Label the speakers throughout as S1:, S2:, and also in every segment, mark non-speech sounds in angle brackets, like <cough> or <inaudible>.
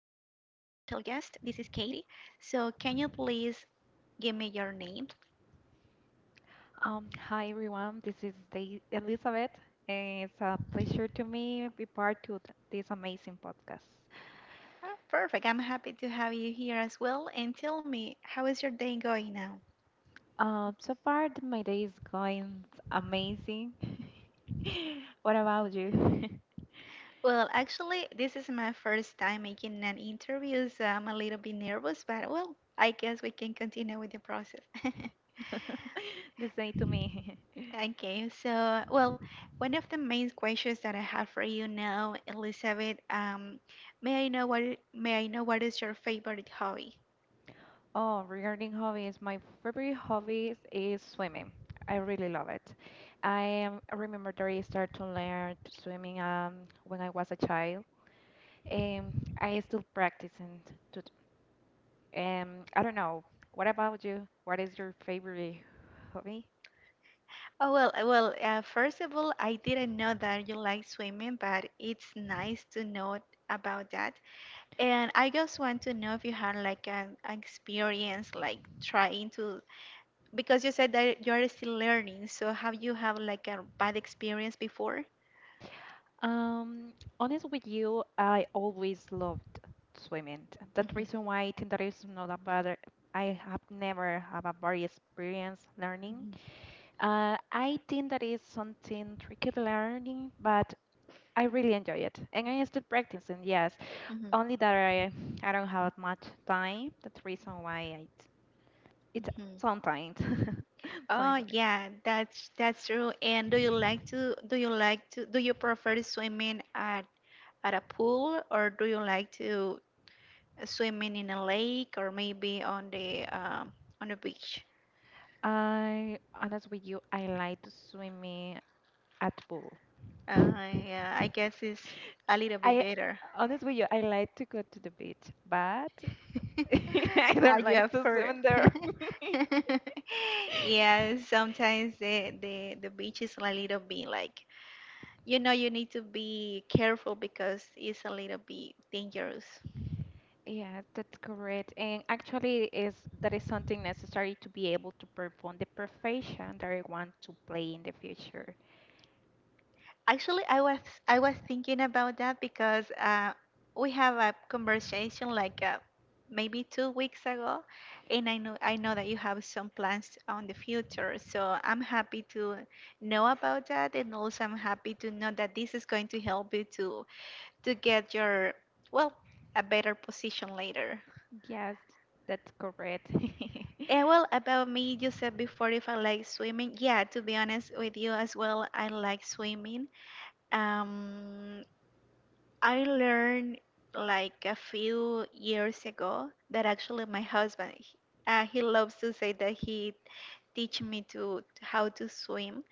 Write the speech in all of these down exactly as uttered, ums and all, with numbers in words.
S1: guest. This is Katie. So, can you please give me your name?
S2: Um, hi everyone, this is the Elizabeth, and it's a pleasure to me be part of this amazing podcast.
S1: Oh, perfect. I'm happy to have you here as well. And tell me, how is your day going now?
S2: Um, so far th- my day is going amazing. <laughs> What about you? <laughs>
S1: Well, actually, this is my first time making an interview, so I'm a little bit nervous, but well, I guess we can continue with the process. <laughs>
S2: The same to me. <laughs>
S1: Okay, so well, one of the main questions that I have for you now, Elizabeth, um, may I know what i- may I know what is your favorite hobby?
S2: Oh, regarding hobbies, my favorite hobby is swimming. I really love it. I am, I remember that I started to learn to swimming um, when I was a child, and I still practicing to Um, I don't know. What about you? What is your favorite hobby?
S1: Oh well, uh, well, uh, first of all, I didn't know that you like swimming, but it's nice to know about that. And I just want to know if you had like an experience like trying to, because you said that you are still learning, so have you have like a bad experience before?
S2: Um, honest with you, I always loved swimming. That
S1: Hmm,
S2: reason why I think that is not a bad. I have never have a bad experience learning. Uh, I think that is something tricky learning, but I really enjoy it, and I still practicing. Yes,
S1: hmm,
S2: only that I I don't have much time. That's reason why I it's
S1: hmm.
S2: sometimes <laughs>
S1: Oh
S2: sometimes.
S1: yeah, that's that's true. And do you like to do you like to do you prefer swimming at at a pool, or do you like to swimming in a lake, or maybe on the um, on the beach?
S2: I honest with you, I like to swimming at pool.
S1: Uh,
S2: <laughs>
S1: yeah, I guess it's a little bit
S2: I
S1: better.
S2: honest with you, I like to go to the beach, but <laughs> I
S1: <laughs> Are
S2: don't
S1: you
S2: like
S1: up
S2: to swim
S1: for?
S2: in there. <laughs>
S1: <laughs> Yeah, sometimes the, the the beach is a little bit like, you know you need to be careful because it's a little bit dangerous.
S2: Yeah, that's correct. And actually, is that is something necessary to be able to perform the profession that I want to play in the future.
S1: Actually, I was I was thinking about that because uh, we have a conversation like, uh, maybe two weeks ago, and I know I know that you have some plans on the future. So I'm happy to know about that, and also I'm happy to know that this is going to help you to to get your, well, a better position later.
S2: Yes, that's correct. <laughs>
S1: And well, about me, you said before if I like swimming. Yeah, to be honest with you as well, I like swimming. Um, I learned like a few years ago that, actually, my husband, he- uh, he loves to say that he teach me to how to swim,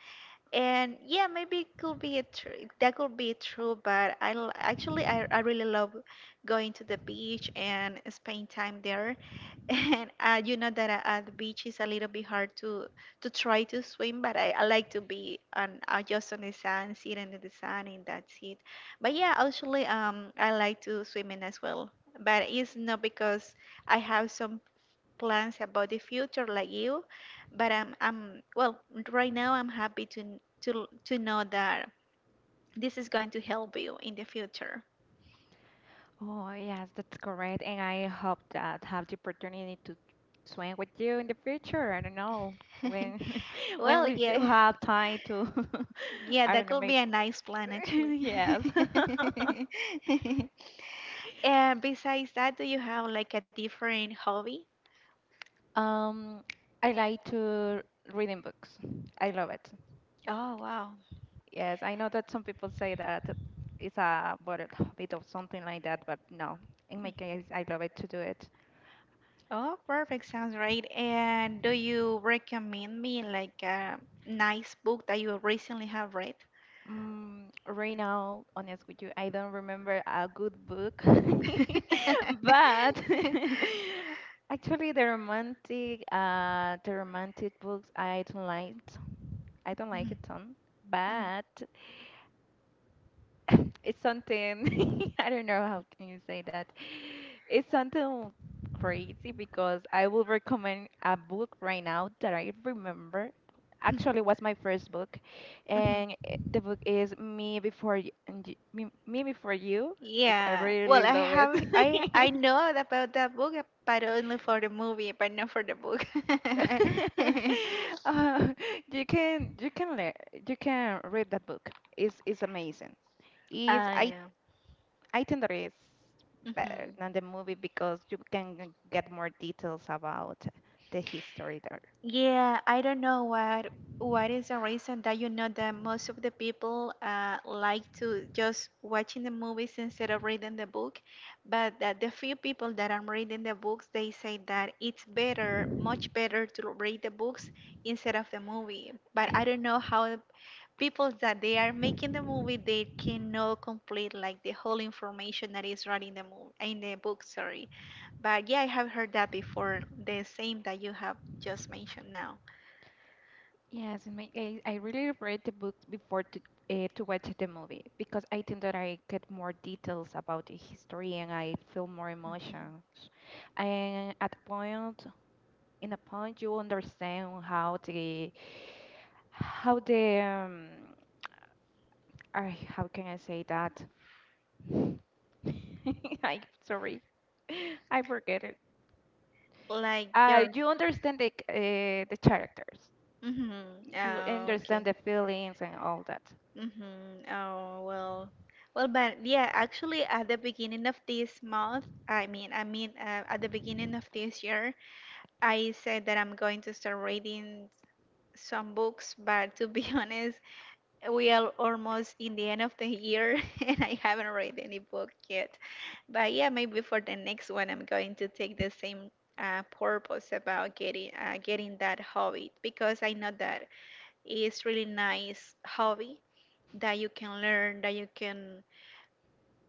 S1: and yeah, maybe it could be a tr that could be true, but I l- actually, I, I really love going to the beach and spend time there. <laughs> And uh, you know that uh, at the beach is a little bit hard to to try to swim, but I, I like to be on uh, just on the sand, sitting in the sun, and that's it. But yeah, actually, um I like to swimming as well, but it's not because I have some plans about the future like you, but I'm I'm, well, right now I'm happy to n- to to know that this is going to help you in the future.
S2: Oh, yes, that's correct. And I hope that have the opportunity to swim with you in the future. I don't know when
S1: <laughs>
S2: <laughs> when
S1: Well,
S2: we you
S1: yeah.
S2: have time to <laughs>
S1: Yeah,
S2: I don't
S1: that
S2: know
S1: could
S2: maybe
S1: be a nice plan,
S2: <laughs>
S1: actually.
S2: yes. <laughs>
S1: <laughs> And besides that, do you have like a different hobby?
S2: Um, I like to reading books. I love it.
S1: Oh, wow.
S2: Yes, I know that some people say that it's a but a bit of something like that, but no. In my case, I love it to do it.
S1: Oh, perfect. Sounds great. And do you recommend me like a nice book that you recently have read?
S2: Mm, right now, honest with you, I don't remember a good book, <laughs>
S1: <laughs>
S2: but <laughs> actually, the romantic, uh, the romantic books, I don't like. I don't like
S1: Mhm,
S2: it ton,
S1: mhm.
S2: but it's something <laughs> I don't know how can you say that. It's something crazy because I will recommend a book right now that I remember. Actually, was my first book,
S1: Mhm.
S2: and i- the book is Me Before You. And You- Me, Me Before You. It's I
S1: Yeah. Well,
S2: really
S1: I
S2: love it.
S1: have I I
S2: <laughs>
S1: know about that book, but only for the movie, but not for the book. <laughs>
S2: Uh, you can you can learn you can read that book. It's it's amazing is I
S1: I
S2: I think that is better
S1: Mhm.
S2: than the movie because you can get more details about the history there.
S1: Yeah, I don't know what what is the reason that, you know, that most of the people uh like to just watching the movies instead of reading the book, but that the few people that I'm reading the books, they say that it's better, much better to read the books instead of the movie. But I don't know
S2: <laughs>
S1: how people that they are making the movie, they cannot complete like the whole information that is right in the movie in the book, sorry, but yeah, I have heard that before, the same that you have just mentioned now.
S2: Yes, in my case, I really read the book before to uh, to watch the movie because I think that I get more details about the history and I feel more
S1: Mhm.
S2: emotions. And at a point, in a point, you understand how the how the um, I, how can I say that? <laughs> I sorry, <laughs> I forget it.
S1: Like
S2: Uh,
S1: your
S2: you understand the uh, the characters,
S1: mm-hmm.
S2: you
S1: Oh, okay.
S2: understand the feelings and all that.
S1: Mm-hmm. Oh, well. Well, but yeah, actually, at the beginning of this month, I mean, I mean, uh, at the beginning of this year, I said that I'm going to start reading some books, but to be <laughs> honest, we are almost in the end of the year <laughs> and I haven't read any book yet. But yeah, maybe for the next one, I'm going to take the same uh, purpose about getting uh, getting that hobby, because I know that it's really nice hobby that you can learn, that you can,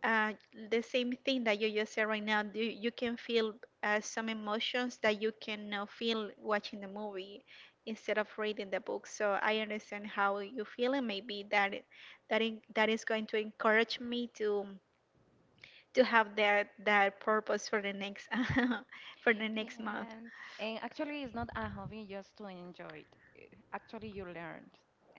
S1: uh, the same thing that you just said right now, you, you can feel uh, some emotions that you cannot feel watching the movie instead of reading the book. So I understand how you feel, and maybe that it- that in, that is going to encourage me to to have that that purpose for the next <laughs> for the next month.
S2: Yes, and actually, it's not a hobby just to enjoy it. Actually, you learn,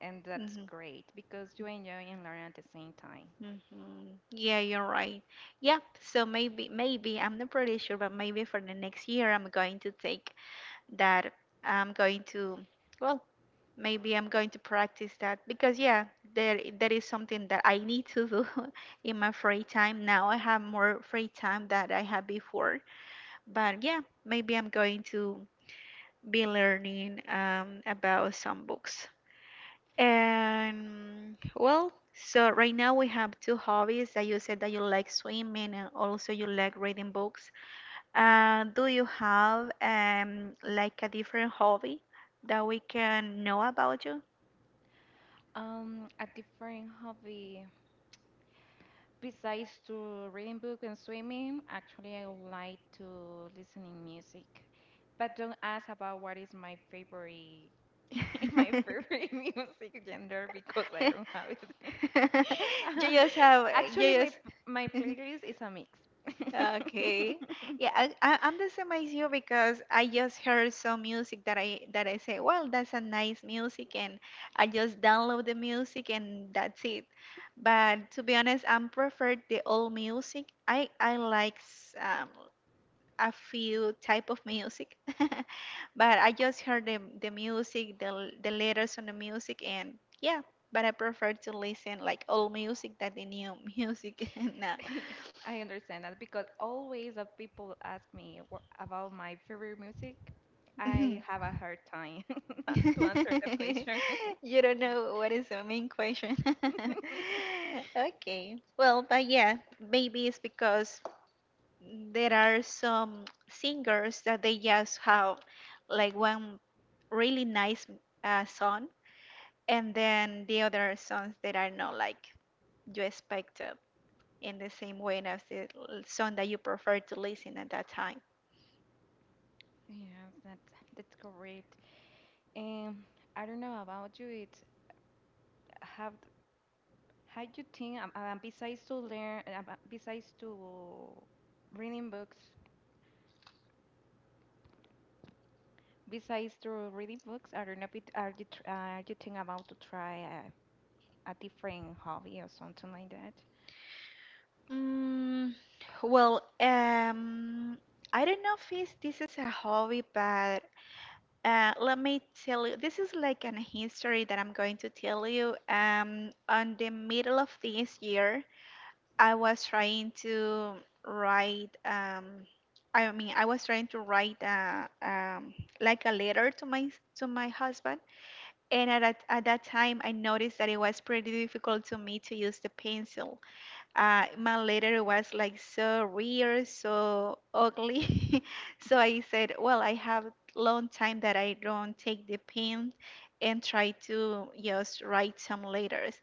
S2: and that's
S1: Hmm,
S2: great because you enjoy and learn at the same time.
S1: hmm. Yeah, you're right. Yeah, so maybe maybe I'm not pretty sure, but maybe for the next year, i'm going to take that I'm going to well Maybe I'm going to practice that, because yeah, there that is something that I need to do <laughs> in my free time. Now I have more free time that I had before. But yeah, maybe I'm going to be learning um, about some books. And well, so right now we have two hobbies, that you said that you like swimming and also you like reading books. Uh, do you have um like a different hobby that we can know about you?
S2: Um, a different hobby. Besides to reading book and swimming, actually I would like to listening music. But don't ask about what is my favorite
S1: <laughs>
S2: <laughs> my favorite <laughs> music genre because I
S1: You
S2: don't have it.
S1: just
S2: <laughs>
S1: have,
S2: Actually,
S1: you
S2: my
S1: just.
S2: my
S1: <laughs>
S2: playlist is a mix. <laughs>
S1: Okay,
S2: <laughs>
S1: yeah, I, I, i'm the same as you, because I just heard some music that i that i say, well, that's a nice music, and I just download the music and that's it. But to be honest, I'm preferred the old music. I i like s- um, a few type of music, <laughs> but I just heard the, the music, the, l- the letters on the music, and yeah, but I prefer to listen like old music than the new music. <laughs> Now.
S2: Yeah, I understand that because always that people ask me wha- about my favorite music, I
S1: Mhm.
S2: have a hard time <laughs> not to answer that
S1: <laughs>
S2: question.
S1: You don't know what is the main question. <laughs>
S2: <laughs>
S1: Okay, well, but yeah, maybe it's because there are some singers that they just have like one really nice uh, song, and then the other songs that are not like you expected in the same way as the l- song that you prefer to listen at that time.
S2: Yeah, that's that's correct. Um, I don't know about you. It's have how you think um, um, besides to learn, um, uh, besides to reading books, besides to reading books. I don't know if it, are you tr- are you think about to try a, a different hobby or something like that.
S1: Mm, well, um, I don't know if it's, this is a hobby, but uh, let me tell you, this is like an history that I'm going to tell you. Um, on the middle of this year, I was trying to write, um I mean I was trying to write a, um like a letter to my to my husband, and at that, at that time I noticed that it was pretty difficult to me to use the pencil. Uh, my letter was like so weird, so ugly. <laughs> So I said, well, I have long time that I don't take the pen and try to just write some letters.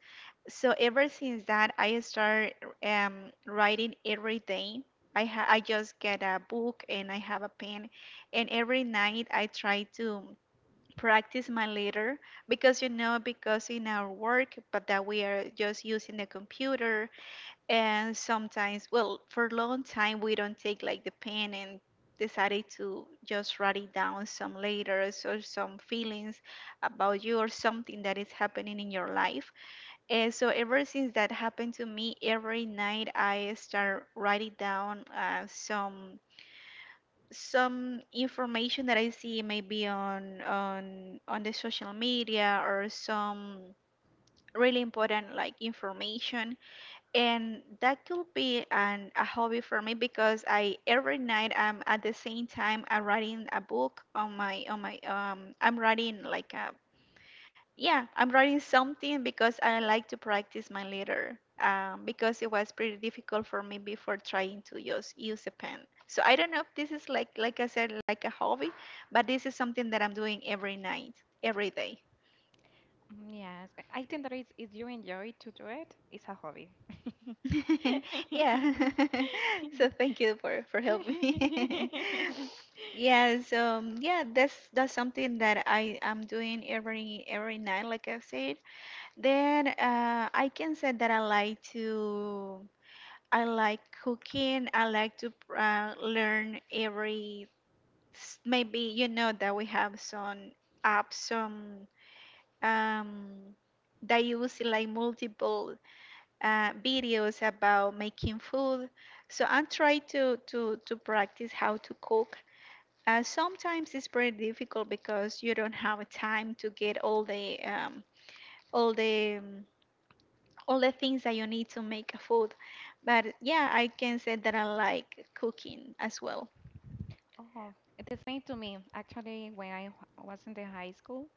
S1: So ever since that, I start um, writing every day. I ha- I just get a book and I have a pen, and every night I try to practice my letter, because you know because in our work, but that we are just using the computer and sometimes, well, for a long time, we don't take like the pen and decided to just write it down some letters or some feelings about you or something that is happening in your life. And so, ever since that happened to me, every night I start writing down uh, some some information that I see, maybe on on on the social media, or some really important like information, and that could be an a hobby for me, because I, every night, I'm, at the same time, I'm writing a book on my, on my um I'm writing like a yeah I'm writing something, because I like to practice my letter, um because it was pretty difficult for me before trying to use use a pen. So I don't know if this is like, like I said, like a hobby, but this is something that I'm doing every night, every day.
S2: Mm, yes, I I think that is if you enjoy to do it, it's a hobby.
S1: <laughs> Yeah. <laughs> So thank you for for helping me.
S2: <laughs>
S1: <laughs> Yeah. So, um, yeah, that's that's something that I am doing every every night, like I said. Then uh, I can say that I like to I like cooking. I like to uh, learn every s- maybe, you know, that we have some apps, some um that use like multiple uh, videos about making food. So I try to to to practice how to cook. Uh, sometimes it's pretty difficult because you don't have time to get all the, um, all the um, all the things that you need to make a food. But yeah, I can say that I like cooking as well.
S2: Oh, the same to me. Actually, when I wh- was in the high school,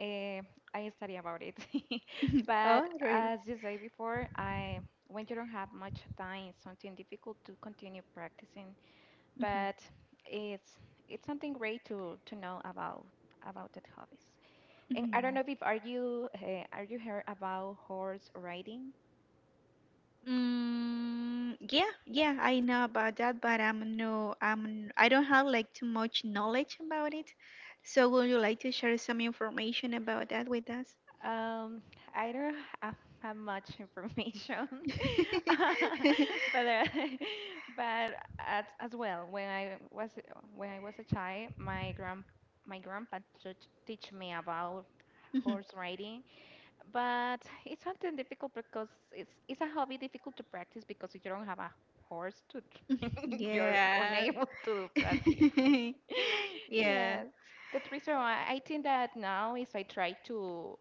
S2: uh, I study about it. <laughs>
S1: <laughs>
S2: But
S1: Oh, really?
S2: as you say before, I when you don't have much time, it's something difficult to continue practicing.
S1: Mhm.
S2: But it's it's something great to to know about about that hobbies. And
S1: Mhm.
S2: I don't know if are you uh, are you heard about horse riding?
S1: Mm, yeah, yeah, I know about that, but I'm no, I'm I don't have like too much knowledge about it. So would you like to share some information about that with us?
S2: Um, I don't have, have much information, <laughs>
S1: <laughs>
S2: but uh, <laughs> but as as well, when I was when I was a child, my grand my grandpa teach, teach me about
S1: Mhm.
S2: horse riding, but it's something difficult because it's it's a hobby difficult to practice because if you don't have a horse to tr- <laughs> you're
S1: Yeah.
S2: unable to do practice.
S1: <laughs>
S2: <laughs>
S1: Yeah.
S2: Yes. That's the reason why I think that now is I try to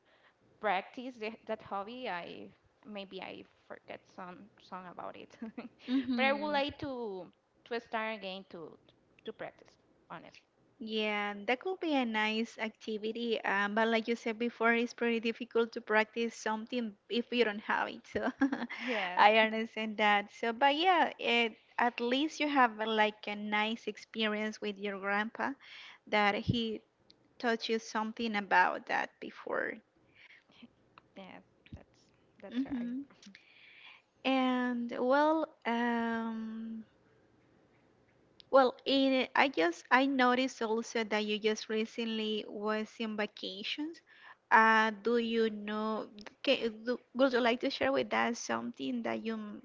S2: practice the, that hobby, I maybe I forget some song about it. <laughs> but I would
S1: Mm-hmm.
S2: like to to start again to to practice. Honest.
S1: Yeah, that could be a nice activity. Um, but like you said before, it's pretty difficult to practice something if you don't have it. So <laughs>
S2: Yes.
S1: I understand that. So, but yeah, it, at least you have uh, like a nice experience with your grandpa that he taught you something about that before.
S2: Yes, that's that's right.
S1: Hmm. And well, um, Well, in I just I noticed also that you just recently was in vacations. Uh, do you know? Ca- do, would you like to share with us something that you m-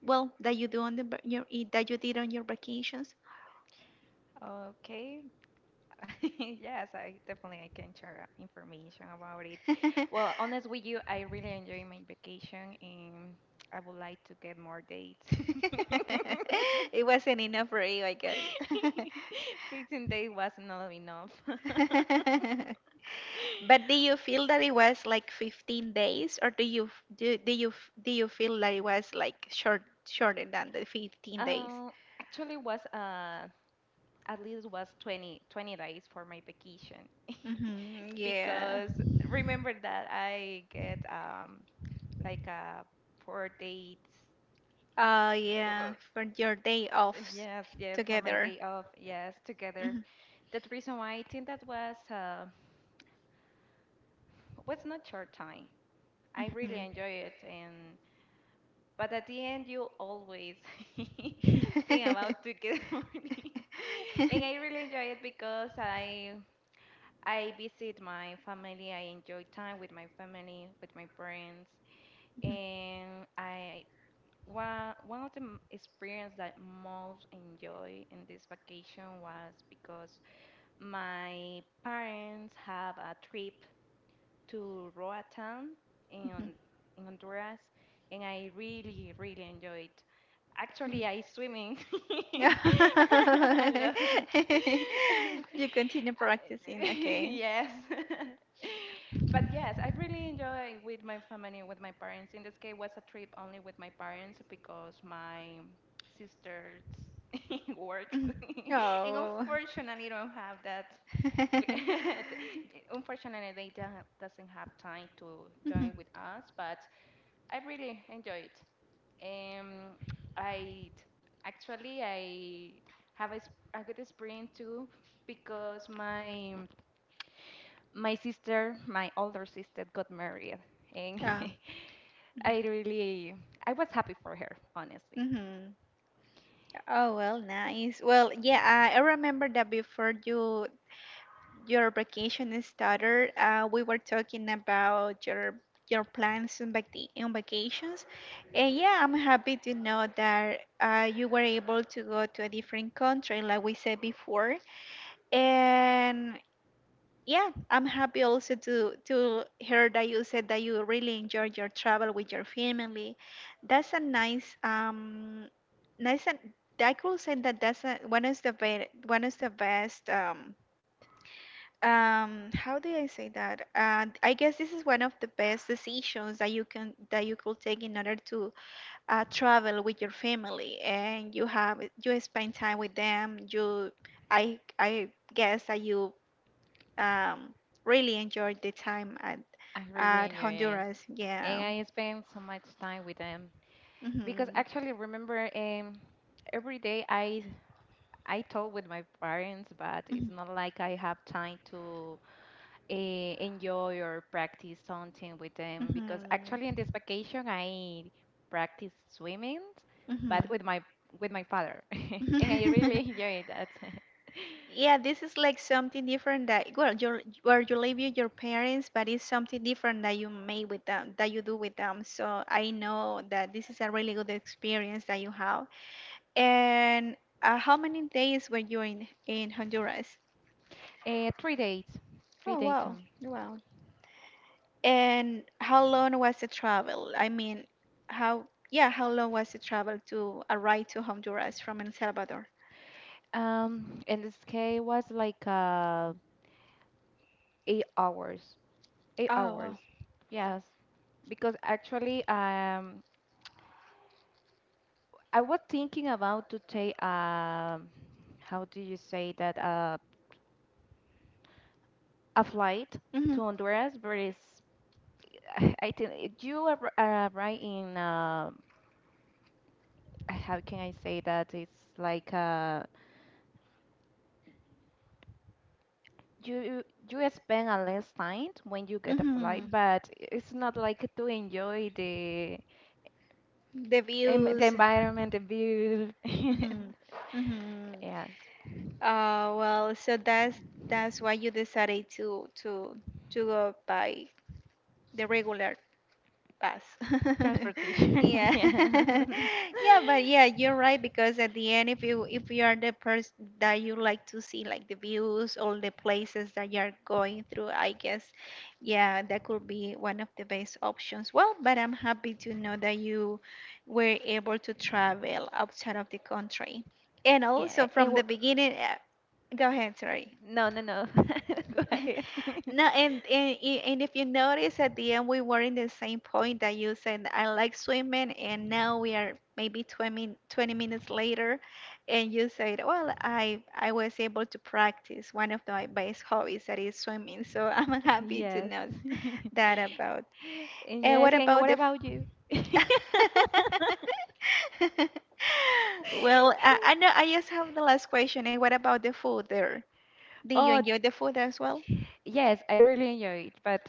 S1: well that you do on the va- your i- that you did on your vacations? <laughs>
S2: Okay. <laughs> Yes, I definitely I can share uh, information about it.
S1: <laughs>
S2: Well, honest with you, I really enjoy my vacation and I would like to get more dates. <laughs>
S1: It wasn't enough for you, I guess.
S2: 15 days was not enough.
S1: <laughs> But do
S2: <laughs>
S1: you feel that it was like fifteen days, or do you f- do do you f- do you feel that it was like short shorter than the fifteen days?
S2: Uh, actually was uh at least was twenty twenty days for my vacation
S1: Hmm. Yeah.
S2: because remember that I get um like a four days
S1: Oh,
S2: uh,
S1: yeah, for your day offs
S2: yes yes for my
S1: together.
S2: day off yes together
S1: Hmm.
S2: that reason why I think that was uh, was not short time I
S1: Hmm.
S2: really enjoy it and but at the end you always <laughs> think
S1: <laughs>
S2: about to get <laughs> money and I really enjoy it because I I visit my family. I enjoy time with my family, with my parents, and I one one of the m- experience that most enjoy in this vacation was because my parents have a trip to Roatan
S1: Mhm. Mhm.
S2: in, in Honduras, and I really, really enjoy it. Actually, I swimming <laughs> a lot. <laughs> I-
S1: <laughs> You continue practicing,
S2: <laughs>
S1: okay.
S2: yes.
S1: <laughs>
S2: <laughs> but yes, I really enjoy with my family, with my parents. In this case, was a trip only with my parents because my sisters <laughs> works,
S1: Mm.
S2: <laughs> and
S1: Oh.
S2: unfortunately, don't have that <laughs>
S1: <laughs>
S2: Unfortunately, they don't, doesn't have time to
S1: Mhm.
S2: join with us, but I really enjoy it. Um, I actually I have a, s- a good experience too because my my sister, my older sister, got married, and
S1: Ah.
S2: <laughs> I really I was happy for her. Honestly,
S1: Mm-hmm. Oh, well, nice. Well, yeah, I, I remember that before you your vacation started, uh, we were talking about your your plans on, vac- on vacations, and yeah, I'm happy to know that uh, you were able to go to a different country, like we said before, and yeah, I'm happy also to to hear that you said that you really enjoyed your travel with your family. That's a nice um nice, and I could say that that's a, one is the best one is the best um um how do I say that? Uh, I guess this is one of the best decisions that you can that you could take in order to uh, travel with your family and you have you spend time with them. You I I guess that you um, really enjoyed the time at
S2: I really
S1: at
S2: enjoy it,
S1: Honduras.
S2: and
S1: Yeah.
S2: I spend so much time with them because
S1: Mhm.
S2: actually remember um every day I I talk with my parents, but it's
S1: Mhm.
S2: not like I have time to uh, enjoy or practice something with them because actually in
S1: Mhm.
S2: this vacation I practice swimming,
S1: Mhm.
S2: but with my with my father, <laughs> and I really
S1: <laughs>
S2: enjoy that. <laughs>
S1: Yeah, this is like something different that well, your where you live with your parents, but it's something different that you make with them, that you do with them. So I know that this is a really good experience that you have. And uh, how many days were you in in Honduras?
S2: Uh, three days, three
S1: Oh,
S2: days
S1: wow,
S2: on.
S1: wow. And how long was the travel? I mean, how, yeah, how long was the travel to arrive to Honduras from El Salvador?
S2: Um, and the case was like uh, eight hours, eight
S1: Oh, wow.
S2: hours. Yes, because actually um I was thinking about to take um how do you say that uh a flight
S1: Mm-hmm.
S2: to Honduras, but it's <laughs> I think it- you are r- uh, right in uh, how can I say that it's like uh you you spend a less time when you get a
S1: Mm-hmm.
S2: flight, but it's not like to enjoy the
S1: The
S2: em- the
S1: views.
S2: environment, the view.
S1: Mm-hmm.
S2: <laughs>
S1: Mm-hmm.
S2: Yes,
S1: Uh, well, so that's that's why you decided to to to go by the regular pass. <laughs>
S2: transportation.
S1: Yeah,
S2: <laughs> Yeah.
S1: <laughs>
S2: <laughs>
S1: yeah, but yeah, you're right because at the end, if you if you are the person that you like to see like the views, all the places that you're going through, I guess, yeah, that could be one of the best options. Well, but I'm happy to know that you were able to travel outside of the country, and also
S2: Yeah, and
S1: from the beginning. Uh, go ahead, sorry.
S2: No, no, no. <laughs> Go
S1: <laughs>
S2: ahead. <laughs>
S1: No, and, and i- and if you notice at the end we were in the same point that you said I like swimming, and now we are maybe twenty twenty minutes later and you said, "Well, I I was able to practice one of my best hobbies that is swimming." So <laughs> I'm happy to
S2: Yes.
S1: know s-
S2: <laughs>
S1: that about.
S2: And
S1: And
S2: yes,
S1: what
S2: and
S1: about
S2: what
S1: the f-
S2: about you? <laughs>
S1: <laughs> Well, I, I know I just have the last question. And what about the food there? Do you
S2: Oh,
S1: enjoy the food as well?
S2: yes, I really enjoy it, but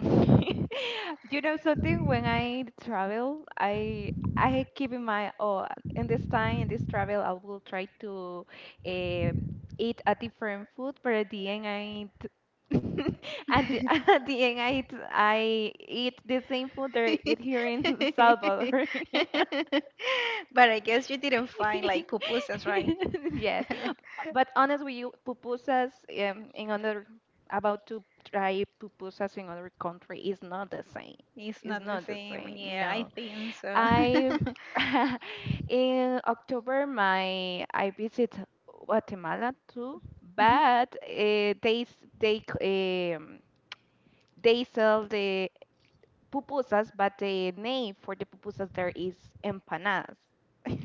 S2: <laughs> you know something, when I travel, I I keep in mind, oh, in this time, in this travel, I will try to uh, eat a different food, but at the end, I eat, <laughs> at the, <laughs> at the end, I
S1: <laughs>
S2: eat, I eat the same food that I eat here in <laughs> Salvador.
S1: But I guess you didn't find like pupusas, right?
S2: <laughs> yes,
S1: <laughs>
S2: but honestly, you pupusas um, in other about to try pupusas in other country is not the same.
S1: It's
S2: It's
S1: not the
S2: not the
S1: same.
S2: same.
S1: Yeah, I
S2: No,
S1: think so.
S2: I
S1: <laughs>
S2: <laughs> in October my I visit Guatemala too,
S1: Mhm.
S2: but uh, they s- they c- um, they sell the pupusas, but the name for the pupusas there is empanadas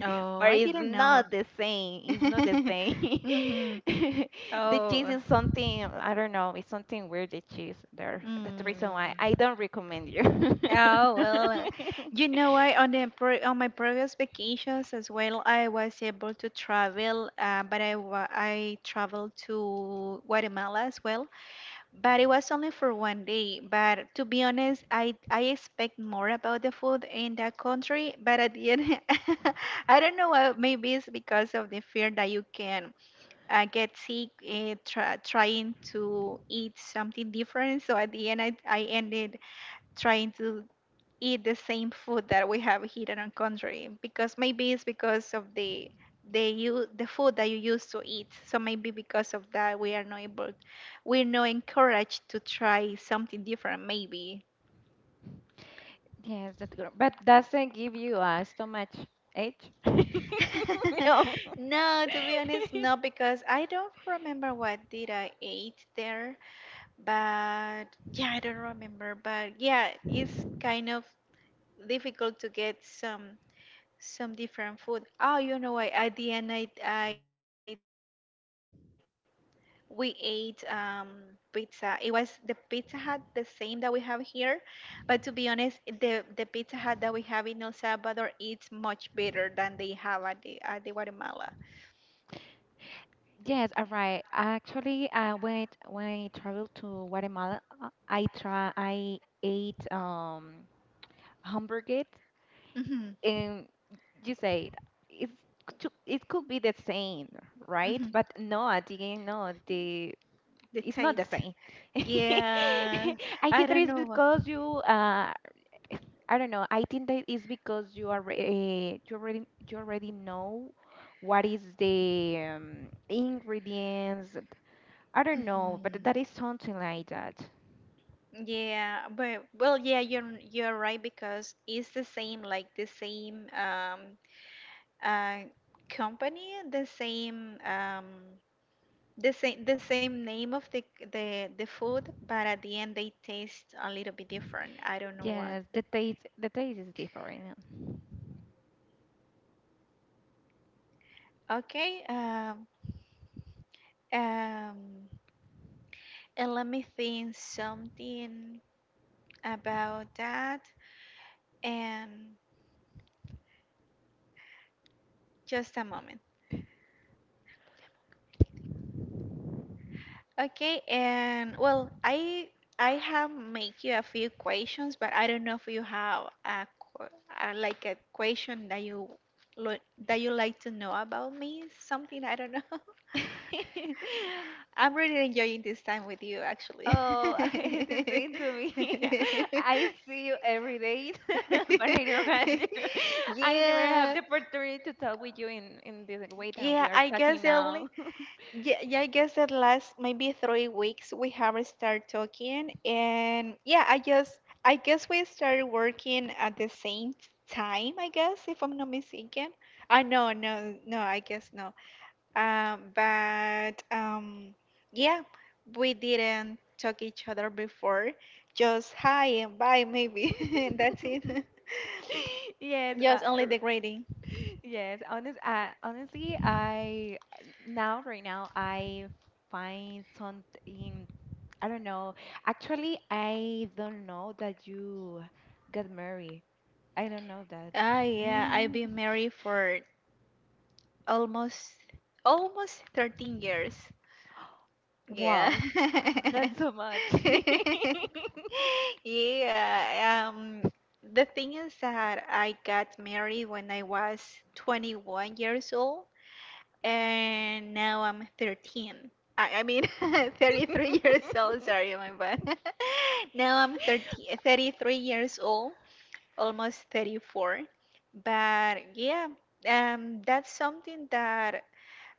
S1: Oh,
S2: but
S1: I
S2: it's
S1: didn't know.
S2: not the same. It's not the
S1: <laughs>
S2: same.
S1: Mhm.
S2: <laughs> The cheese
S1: Oh.
S2: is something I don't know. It's something weird. The cheese there. That's the reason why I
S1: Mm.
S2: don't recommend you.
S1: Oh, well, uh, you know, I on the pre- on my previous vacations as well, I was able to travel, uh, but I wa- I traveled to Guatemala as well, but it was only for one day. But to be honest, I I expect more about the food in that country, but at the end, <laughs> I don't know. uh, Maybe it's because of the fear that you can uh, get sick, uh, try, trying to eat something different. So at the end, I I ended trying to eat the same food that we have here in our country because maybe it's because of the the you the food that you used to eat, so maybe because of that we are not able, we're not encouraged to try something different maybe.
S2: <laughs> Yes, that's good. But doesn't give you a stomach ache. <laughs>
S1: <laughs>
S2: No. <laughs>
S1: No, to be honest, no, because I don't remember what did I ate there, but yeah, I don't remember. But yeah, it's kind of difficult to get some some different food. Oh, you know, I at the end, I I we ate um, pizza. It was the Pizza Hut, the same that we have here. But to be honest, the, the Pizza Hut that we have in El Salvador is much better than they have at the, at the Guatemala.
S2: Yes, all right. Actually, uh, when when I traveled to Guatemala, uh, I try I ate um hamburgers,
S1: Hmm.
S2: um, you said it's to, it could be the same,
S1: Hmm.
S2: right? But no, again, no, the
S1: The
S2: it's not the
S1: taste.
S2: same. <laughs>
S1: Yeah,
S2: I
S1: I
S2: think that
S1: don't
S2: is
S1: know why.
S2: because you, uh, I don't know. I think that is because you are, re- you already, you already know what is the um, ingredients. I don't know, but
S1: Mhm.
S2: that is something like that.
S1: Yeah, but well, yeah, you're you're right because it's the same, like the same um uh company, the same um The same the same name of the the the food, but at the end they taste a little bit different. I don't know why.
S2: Yes, the taste, the taste is different.
S1: Okay, um, um, and let me think something about that. And just a moment. Okay, and well, I I have make you a few questions, but I don't know if you have a, que- a like a question that you lo that you like to know about me, something I don't know. <laughs>
S2: <laughs>
S1: I'm really enjoying this time with you, actually.
S2: Oh, <laughs> the same to me. <laughs>
S1: <laughs>
S2: I see you every day, <laughs> but I don't have the- <laughs> I never have
S1: Yeah.
S2: the opportunity to talk with you in in this way that
S1: Yeah,
S2: we are
S1: I guess
S2: talking
S1: the
S2: now.
S1: only yeah, yeah, I guess that last maybe three weeks we haven't started talking, and yeah, I just I guess we started working at the same time, I guess, if I'm not mistaken. Ah, no, no, no, I guess no. Um, but um, yeah, we didn't talk each other before, just hi and bye maybe, <laughs> and that's it.
S2: <laughs>
S1: <laughs>
S2: Yes, uh,
S1: Just only
S2: r-
S1: the greeting.
S2: yes. Honest, uh, honestly, I now right now I find something. I don't know. Actually, I don't know that you got married. I don't know that.
S1: Ah, yeah, I've been
S2: <laughs>
S1: married for Almost almost thirteen years. Yeah.
S2: Wow, that's so much.
S1: <laughs> Yeah, um the thing is that I got married when I was twenty-one years old and now I'm thirteen. I, I mean <laughs> thirty-three years old, sorry, my bad. <laughs> Now I'm thirty, thirty-three years old, almost thirty-four. But yeah, um that's something that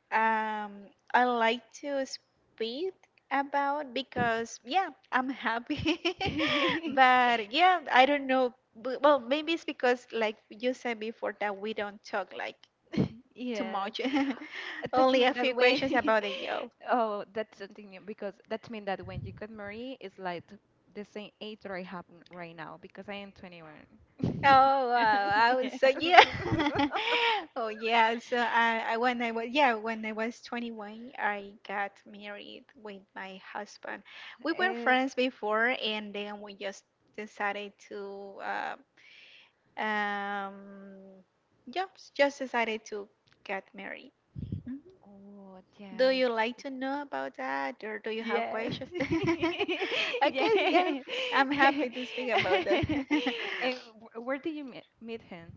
S1: um I like to speak about because yeah, I'm happy. <laughs>
S2: <laughs>
S1: But yeah, I don't know. B- Well, maybe it's because like you said before that we don't talk like too
S2: Yes,
S1: much.
S2: Uh,
S1: <laughs>
S2: that
S1: Only a
S2: mean
S1: few
S2: that way.
S1: questions about
S2: <laughs>
S1: the job.
S2: Oh, that's something new because that mean that when you got married, it's like the same age that I have n- right now because I am twenty-one. <laughs>
S1: Oh, wow! I was so,
S2: Yes.
S1: yeah.
S2: <laughs>
S1: <laughs> Oh, yeah. So I, I when I was yeah, when I was twenty-one, I got married with my husband. We were
S2: Um,
S1: friends before, and then we just decided to uh, um just just decided to get married. Mhm.
S2: oh,
S1: Do
S2: yes.
S1: you like
S2: that-
S1: to know about that, or do you have
S2: Yes.
S1: questions? <laughs>
S2: <laughs>
S1: Okay, yeah,
S2: Yeah.
S1: I'm happy to speak about that.
S2: <laughs> And
S1: <laughs>
S2: wh- where did you meet meet him?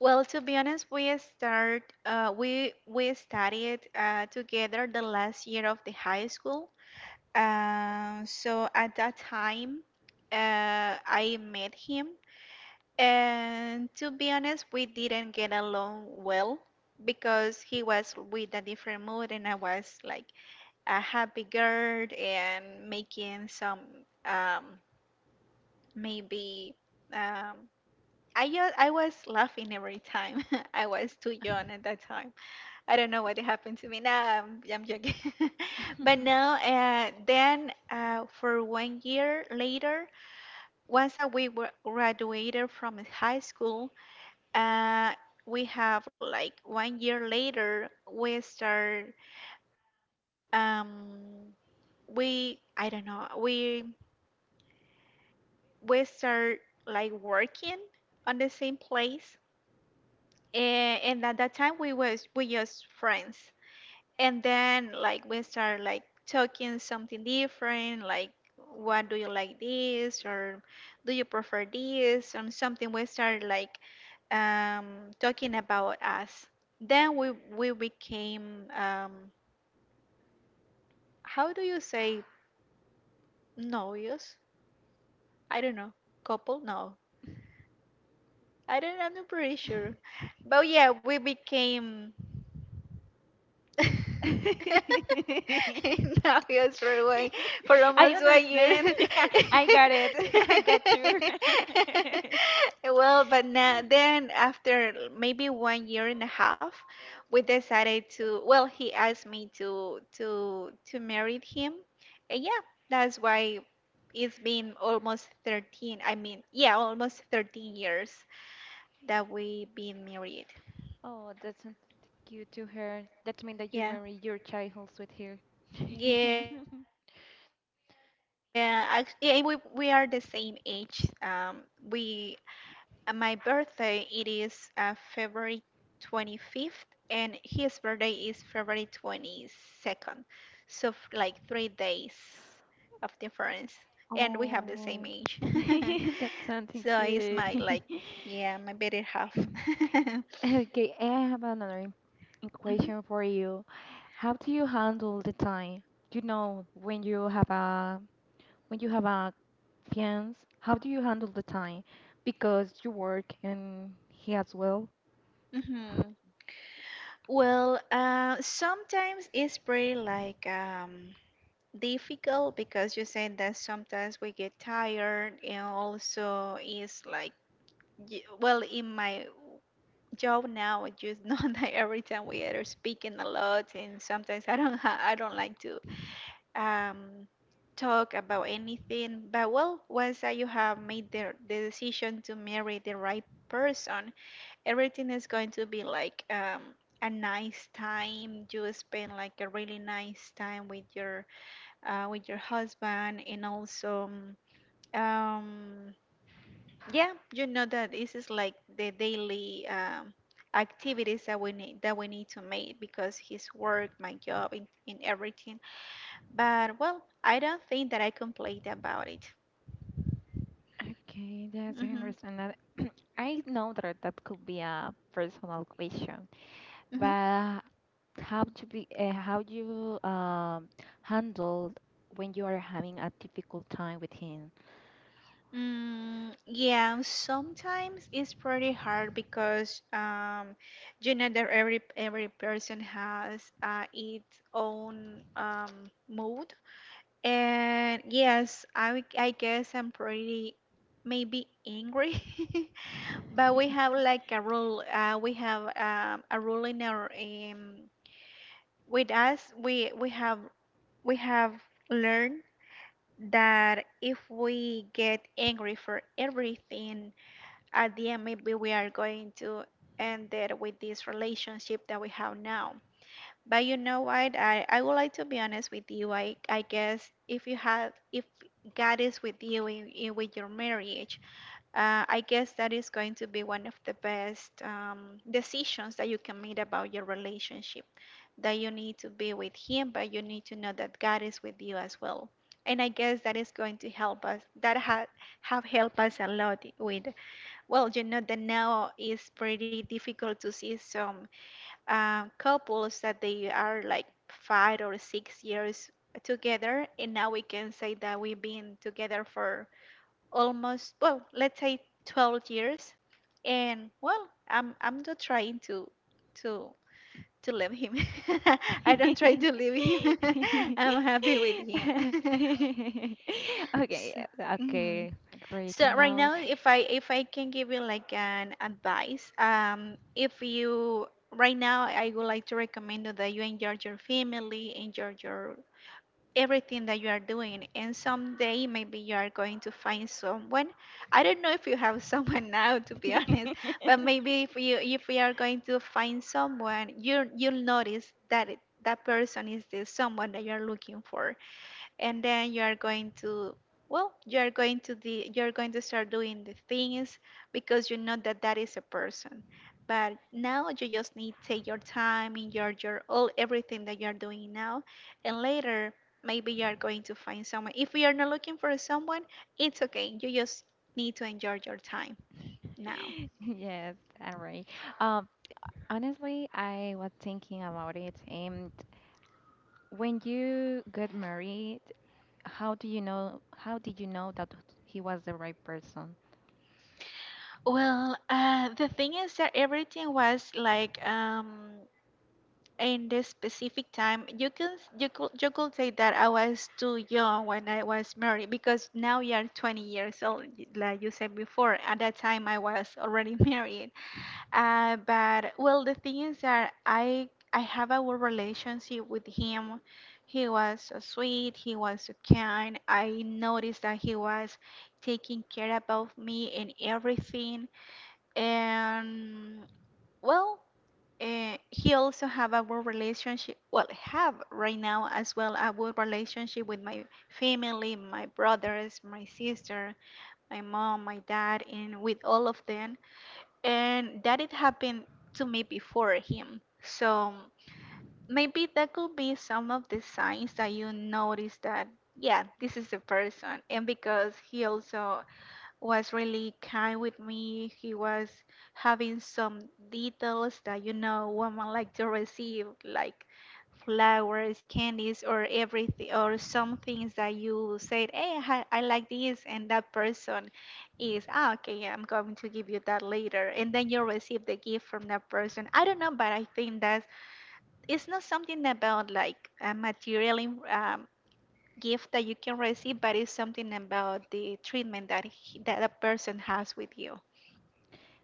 S1: Well, to be honest, we start uh, we we studied uh, together the last year of the high school. Um, so at that time, uh, I met him, and to be honest, we didn't get along well because he was with a different mood, and I was like a happy girl and making some, um, maybe um, I ju- I was laughing every time. <laughs> I was too young at that time. I don't know what happened to me. No, I'm, I'm joking. <laughs> But now, uh, then uh, for one year later, once that we were graduated from high school, uh, we have like one year later, we start, um, we, I don't know, we, we start like working on the same place. And, and at that time, we was we just friends, and then like we start like talking something different, like what do you like this or do you prefer this, and something we start like um, talking about us, then we we became um, how do you say novios, I don't know, couple, no, I don't, I'm not pretty sure, but yeah, we became
S2: <laughs> <laughs>
S1: <laughs> now yes for one for
S2: I
S1: almost one year.
S2: understand. <laughs> I got
S1: <laughs>
S2: it. <laughs> I got you. <laughs>
S1: Well, but now then after maybe one year and a half, we decided to. Well, he asked me to to to marry him, and yeah, that's why it's been almost thirteen. I mean, yeah, almost thirteen years that we've been married.
S2: Oh, that's not cute to her. That means that you
S1: Yeah.
S2: marry your childhood with her. <laughs>
S1: Yeah, act- yeah, we we are the same age. Um, we uh, my birthday it is uh, February twenty-fifth, and his birthday is February twenty-second. So f- like three days of difference, and we have the same age.
S2: Oh,
S1: <laughs>
S2: <laughs> that's
S1: So
S2: something
S1: he's my,
S2: cute.
S1: like,
S2: <laughs>
S1: yeah, my better half. <laughs> Hmm.
S2: Okay, I have another im- question for you. How do you handle the time? You know, when you have a when you have a fiance, how do you handle the time? Because you work and he as well.
S1: Hmm. Well, uh, sometimes it's pretty like um. difficult because you said that sometimes we get tired, and also it's like y- well, in my job now, you know <laughs> that every time we are speaking a lot, and sometimes I don't, <laughs> ha- I don't like to um talk about anything. But well, once that you have made the, the decision to marry the right person, everything is going to be like um a nice time. You spend like a really nice time with your uh, with your husband and also um, um, yeah, you know that this is like the daily um, activities that we need that we need to make, because his work, my job, and, and everything. But well, I don't think that I complain about it.
S2: Okay, yes, I
S1: Hmm,
S2: understand that. I know that that could be a personal question,
S1: hmm.
S2: but how to be uh, how you um handle when you are having a difficult time with him?
S1: Mm, yeah, sometimes it's pretty hard, because um, you know that every every person has uh, its own um, mood. And yes, I would- I guess I'm pretty maybe angry. <laughs> But we have
S2: <laughs>
S1: like a rule. Uh, we have um, a rule in our um, with us. We we have we have learned that if we get angry for everything, at the end maybe we are going to end it with this relationship that we have now. But you know what? I, I would like to be honest with you. I I guess if you have if God is with you in, in with your marriage, uh, I guess that is going to be one of the best um, decisions that you can make about your relationship. That you need to be with Him, but you need to know that God is with you as well. And I guess that is going to help us. That ha have helped us a lot with. Well, you know that now is pretty difficult to see some um, couples that they are like five or six years together, and now we can say that we've been together for almost, well, let's say twelve years. And well, I'm I'm not trying to to to leave him. <laughs> I don't try to leave him. <laughs> I'm happy with him. <laughs> so,
S2: Okay,
S1: mhm.
S2: okay, great to
S1: So right
S2: know.
S1: now, if I if I can give you like an advice, um, if you right now, I would like to recommend you that you enjoy your family, enjoy your everything that you are doing, and someday maybe you are going to find someone. I don't know if you have someone <laughs> now, to be <laughs> honest. But maybe if you if you are going to find someone, you you'll notice that it, that person is the someone that you are looking for. And then you are going to well, you are going to the you're going to start doing the things, because you know that that is a person. But now you just need to take your time in your your all everything that you are doing now, and later maybe you are going to find someone. If you are not looking for someone, it's okay. You just need to enjoy your time now.
S2: <laughs> Yes, all right. Um, honestly, I was thinking about it, and when you got married, how do you know? How did you know that he was the right person?
S1: Well, uh, the thing is that everything was like um in this specific time. You can you could you could say that I was too young when I was married, because now you are twenty years old, y- like you said before. At that time, I was already <laughs> married. Uh, but well, the thing is that i i have a good relationship with him. He was so sweet, he was so kind. I noticed that he was taking care about me and everything. And well, uh, he also have a good relationship, well, have right now as well, a good relationship with my family, my brothers, my sister, my mom, my dad, and with all of them. And that it happened to me before him, so maybe that could be some of the signs that you notice that, yeah, this is the person. And because he also was really kind with me. He was having some details that, you know, women like to receive, like flowers, candies, or everything, or some things that you said, "Hey, I, I like this," and that person is, "Ah, okay, I'm going to give you that later," and then you receive the gift from that person. I don't know, but I think that's, it's not something about like a material um, gift that you can receive, but it's something about the treatment that he, that a person has with you.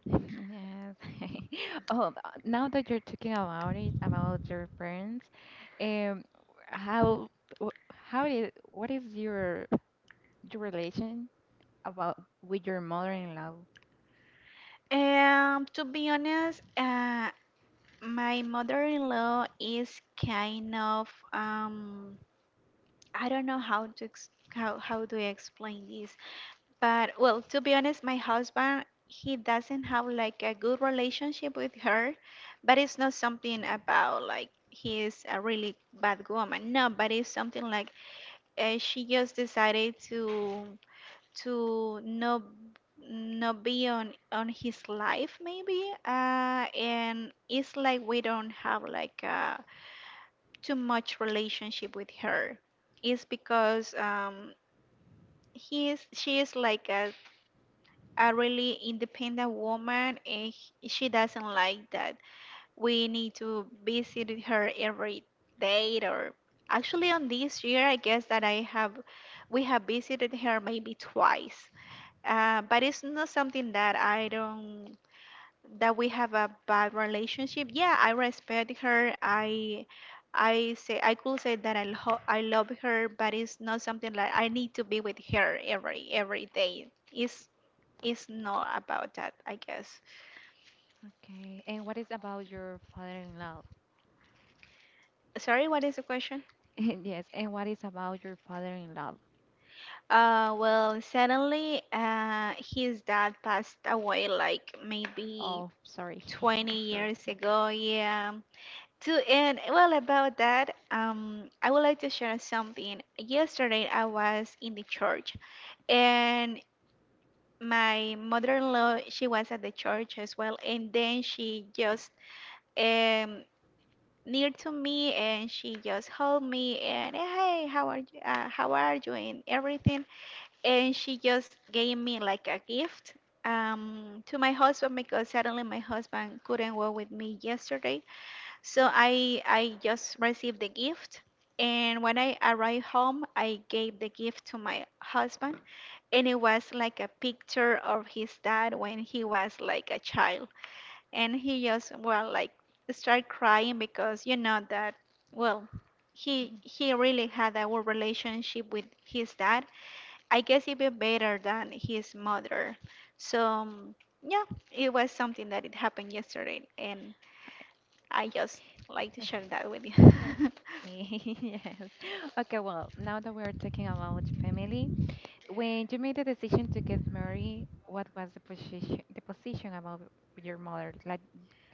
S2: <laughs> Yes. <laughs> Oh, uh, now that you're talking about it, about your parents, um, how, wh- how did, what is your your relation about with your mother-in-law?
S1: And to be honest, uh, my mother-in-law is kind of um, I don't know how to ex how how do I explain this, but well, to be honest, my husband, he doesn't have like a good relationship with her. But it's not something about like he is a really bad woman. No, but it's something like uh, she just decided to to not not be on on his life maybe, uh and it's like we don't have like uh too much relationship with her. It's because um he is she is like a, a really independent woman, and he- she doesn't like that we need to visit her every day, or actually on this year, I guess that I have we have visited her maybe twice. Uh, but it's not something that I don't that we have a bad relationship. Yeah, I respect her. I I say I could say that I lo I love her, but it's not something like I need to be with her every every day. It's it's not about that, I guess.
S2: Okay, and what is about your father-in-law?
S1: Sorry, what is the question?
S2: <laughs> Yes, and what is about your father-in-law?
S1: Uh, well, suddenly, uh, his dad passed away like maybe
S2: Oh, sorry. <laughs>
S1: twenty
S2: Yeah, sorry.
S1: years ago. Yeah. To end well about that, um, I would like to share something. Yesterday I was in the church, and my mother-in-law, she was at the church as well, and then she just um near to me, and she just hugged me and, "Hey, how are you? uh, how are you and everything." And she just gave me like a gift um to my husband, because suddenly my husband couldn't walk with me yesterday, so I I just received the gift. And when I arrived home, I gave the gift to my husband, and it was like a picture of his dad when he was like a child, and he just, well, like start crying, because you know that, well, he he really had a good relationship with his dad, I guess, even better than his mother. So um, yeah, it was something that it happened yesterday, and I just like to
S2: <laughs>
S1: share that with you.
S2: Yeah, okay, <laughs> yes. Okay, well, now that we're talking about family, when you made the decision to get married, what was the position the position about your mother? Like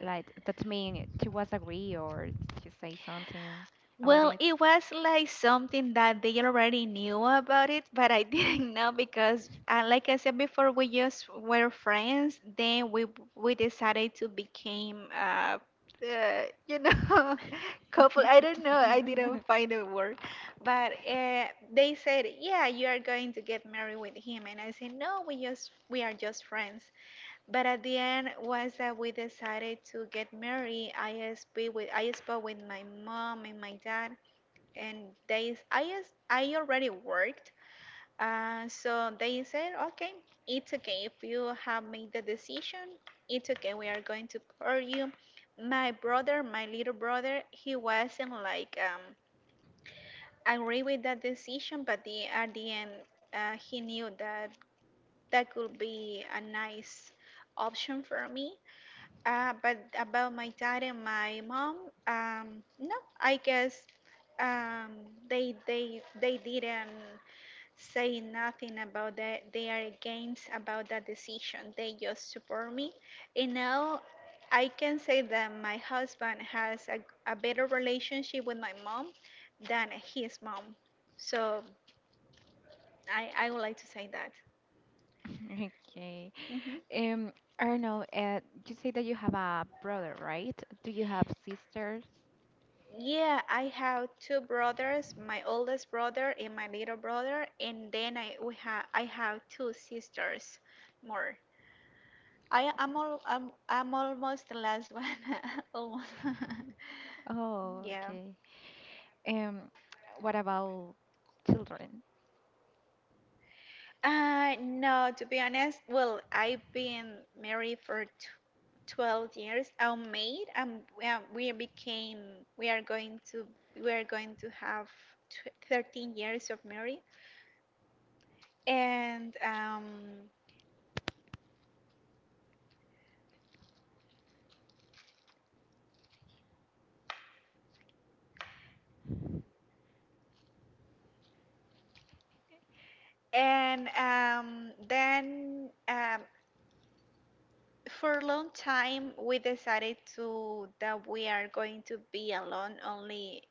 S2: like that mean she was agree or she say something
S1: <laughs>
S2: about
S1: Well,
S2: it?
S1: it was like something that they already knew about it, but I <laughs> didn't know, because, uh, like I said before, we just were friends. Then we we decided to became, uh, uh, you know, <laughs> couple. I don't know. I didn't
S2: <laughs>
S1: find a word. But uh, they said, "Yeah, you are going to get married with him," and I said, "No, we just we are just friends." But at the end was that we decided to get married. I spoke with I spoke with my mom and my dad, and they I as- I already worked, uh, so they said, "Okay, it's okay if you have made the decision. It's okay. We are going to support you." My brother, my little brother, he wasn't like um agree with that decision, but the at the end, uh, he knew that that could be a nice option for me. Uh, but about my dad and my mom, um, no, I guess um, they they they didn't say nothing about that. They are against about that decision. They just support me. And now I can say that my husband has a, a better relationship with my mom than his mom. So I I would like to say that.
S2: <laughs> Okay.
S1: Mm-hmm.
S2: Um, Arnold, uh, you say that you have a brother, right? Do you have sisters?
S1: Yeah, I have two brothers, my oldest brother and my little brother, and then I we have I have two sisters more. I am all I'm, I'm almost the last one. <laughs> Almost.
S2: Oh,
S1: <laughs>
S2: okay.
S1: yeah.
S2: Um, what about children?
S1: Uh no, to be honest, well, I've been married for tw twelve years. I'm made. Um, we are- we became we are going to we are going to have tw thirteen years of marriage. And um And um, then um, for a long time, we decided to that we are going to be alone, only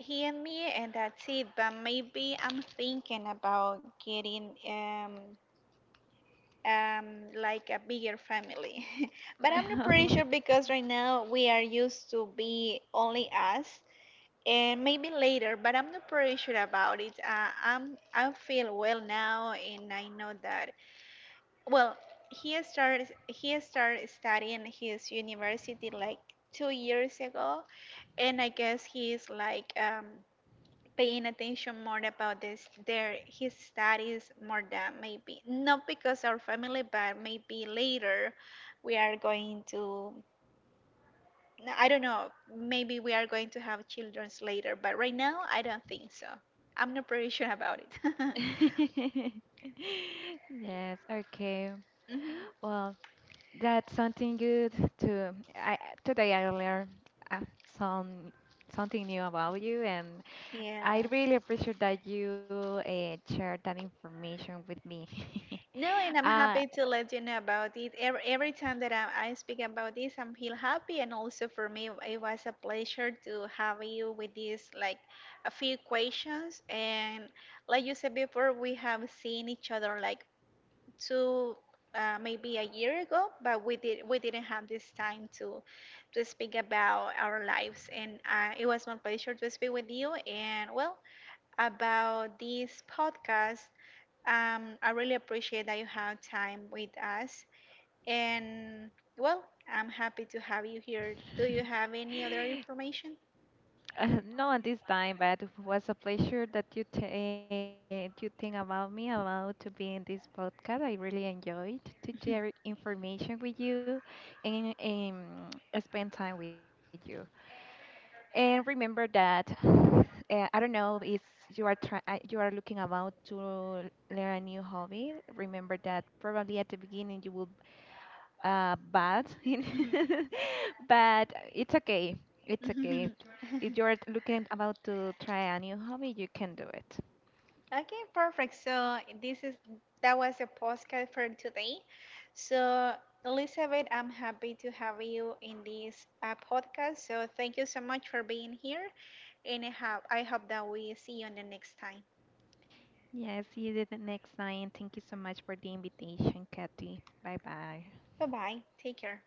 S1: he and me, and that's it. But maybe I'm thinking about getting um, um, like a bigger family. <laughs> But I'm not pretty sure,
S2: <laughs>
S1: because right now we are used to be only us. And maybe later, but I'm not pretty sure about it. Uh, I'm I feel well now, and I know that, well, he started he started studying his university like two years ago, and I guess he's like um, paying attention more about this their his studies, more than maybe, not because our family, but maybe later we are going to. No, I don't know. Maybe we are going to have childrens later, but right now I don't think so. I'm not pretty sure about it. <laughs>
S2: Yes, okay.
S1: Hmm.
S2: Well, that's something good to I today I learned uh, some something new about you and
S1: Yeah.
S2: I really appreciate that you uh, shared that information with me. <laughs>
S1: No, and I'm
S2: Uh,
S1: happy to let you know about it. Every, every time that I, I speak about this, I feel happy, and also for me, it was a pleasure to have you with these like a few questions. And like you said before, we have seen each other like two, uh, maybe a year ago, but we did we didn't have this time to to speak about our lives. And uh, it was my pleasure to speak with you. And well, about this podcast. Um, I really appreciate that you have time with us. And well, I'm happy to have you here. Do you have any other
S2: <laughs>
S1: information?
S2: Uh, Not at this time, but it was a pleasure that you t uh, you think about me, about to be in this podcast. I really enjoyed to share information with you and um, spend time with you. And remember that <sighs> uh, I don't know if you are try uh, you are looking about to learn a new hobby. Remember that probably at the beginning you will uh, bad, in-
S1: Mhm.
S2: <laughs> but it's okay. It's okay. If
S1: <laughs>
S2: you're looking about to try a new hobby, you can do it.
S1: Okay, perfect. So this is that was a podcast for today. So Elizabeth, I'm happy to have you in this uh, podcast. So thank you so much for being here, and I hope I hope that we see you on the next time.
S2: Yeah, see you the next time. Thank you so much for the invitation, Kathy. Bye bye.
S1: Bye bye. Take care.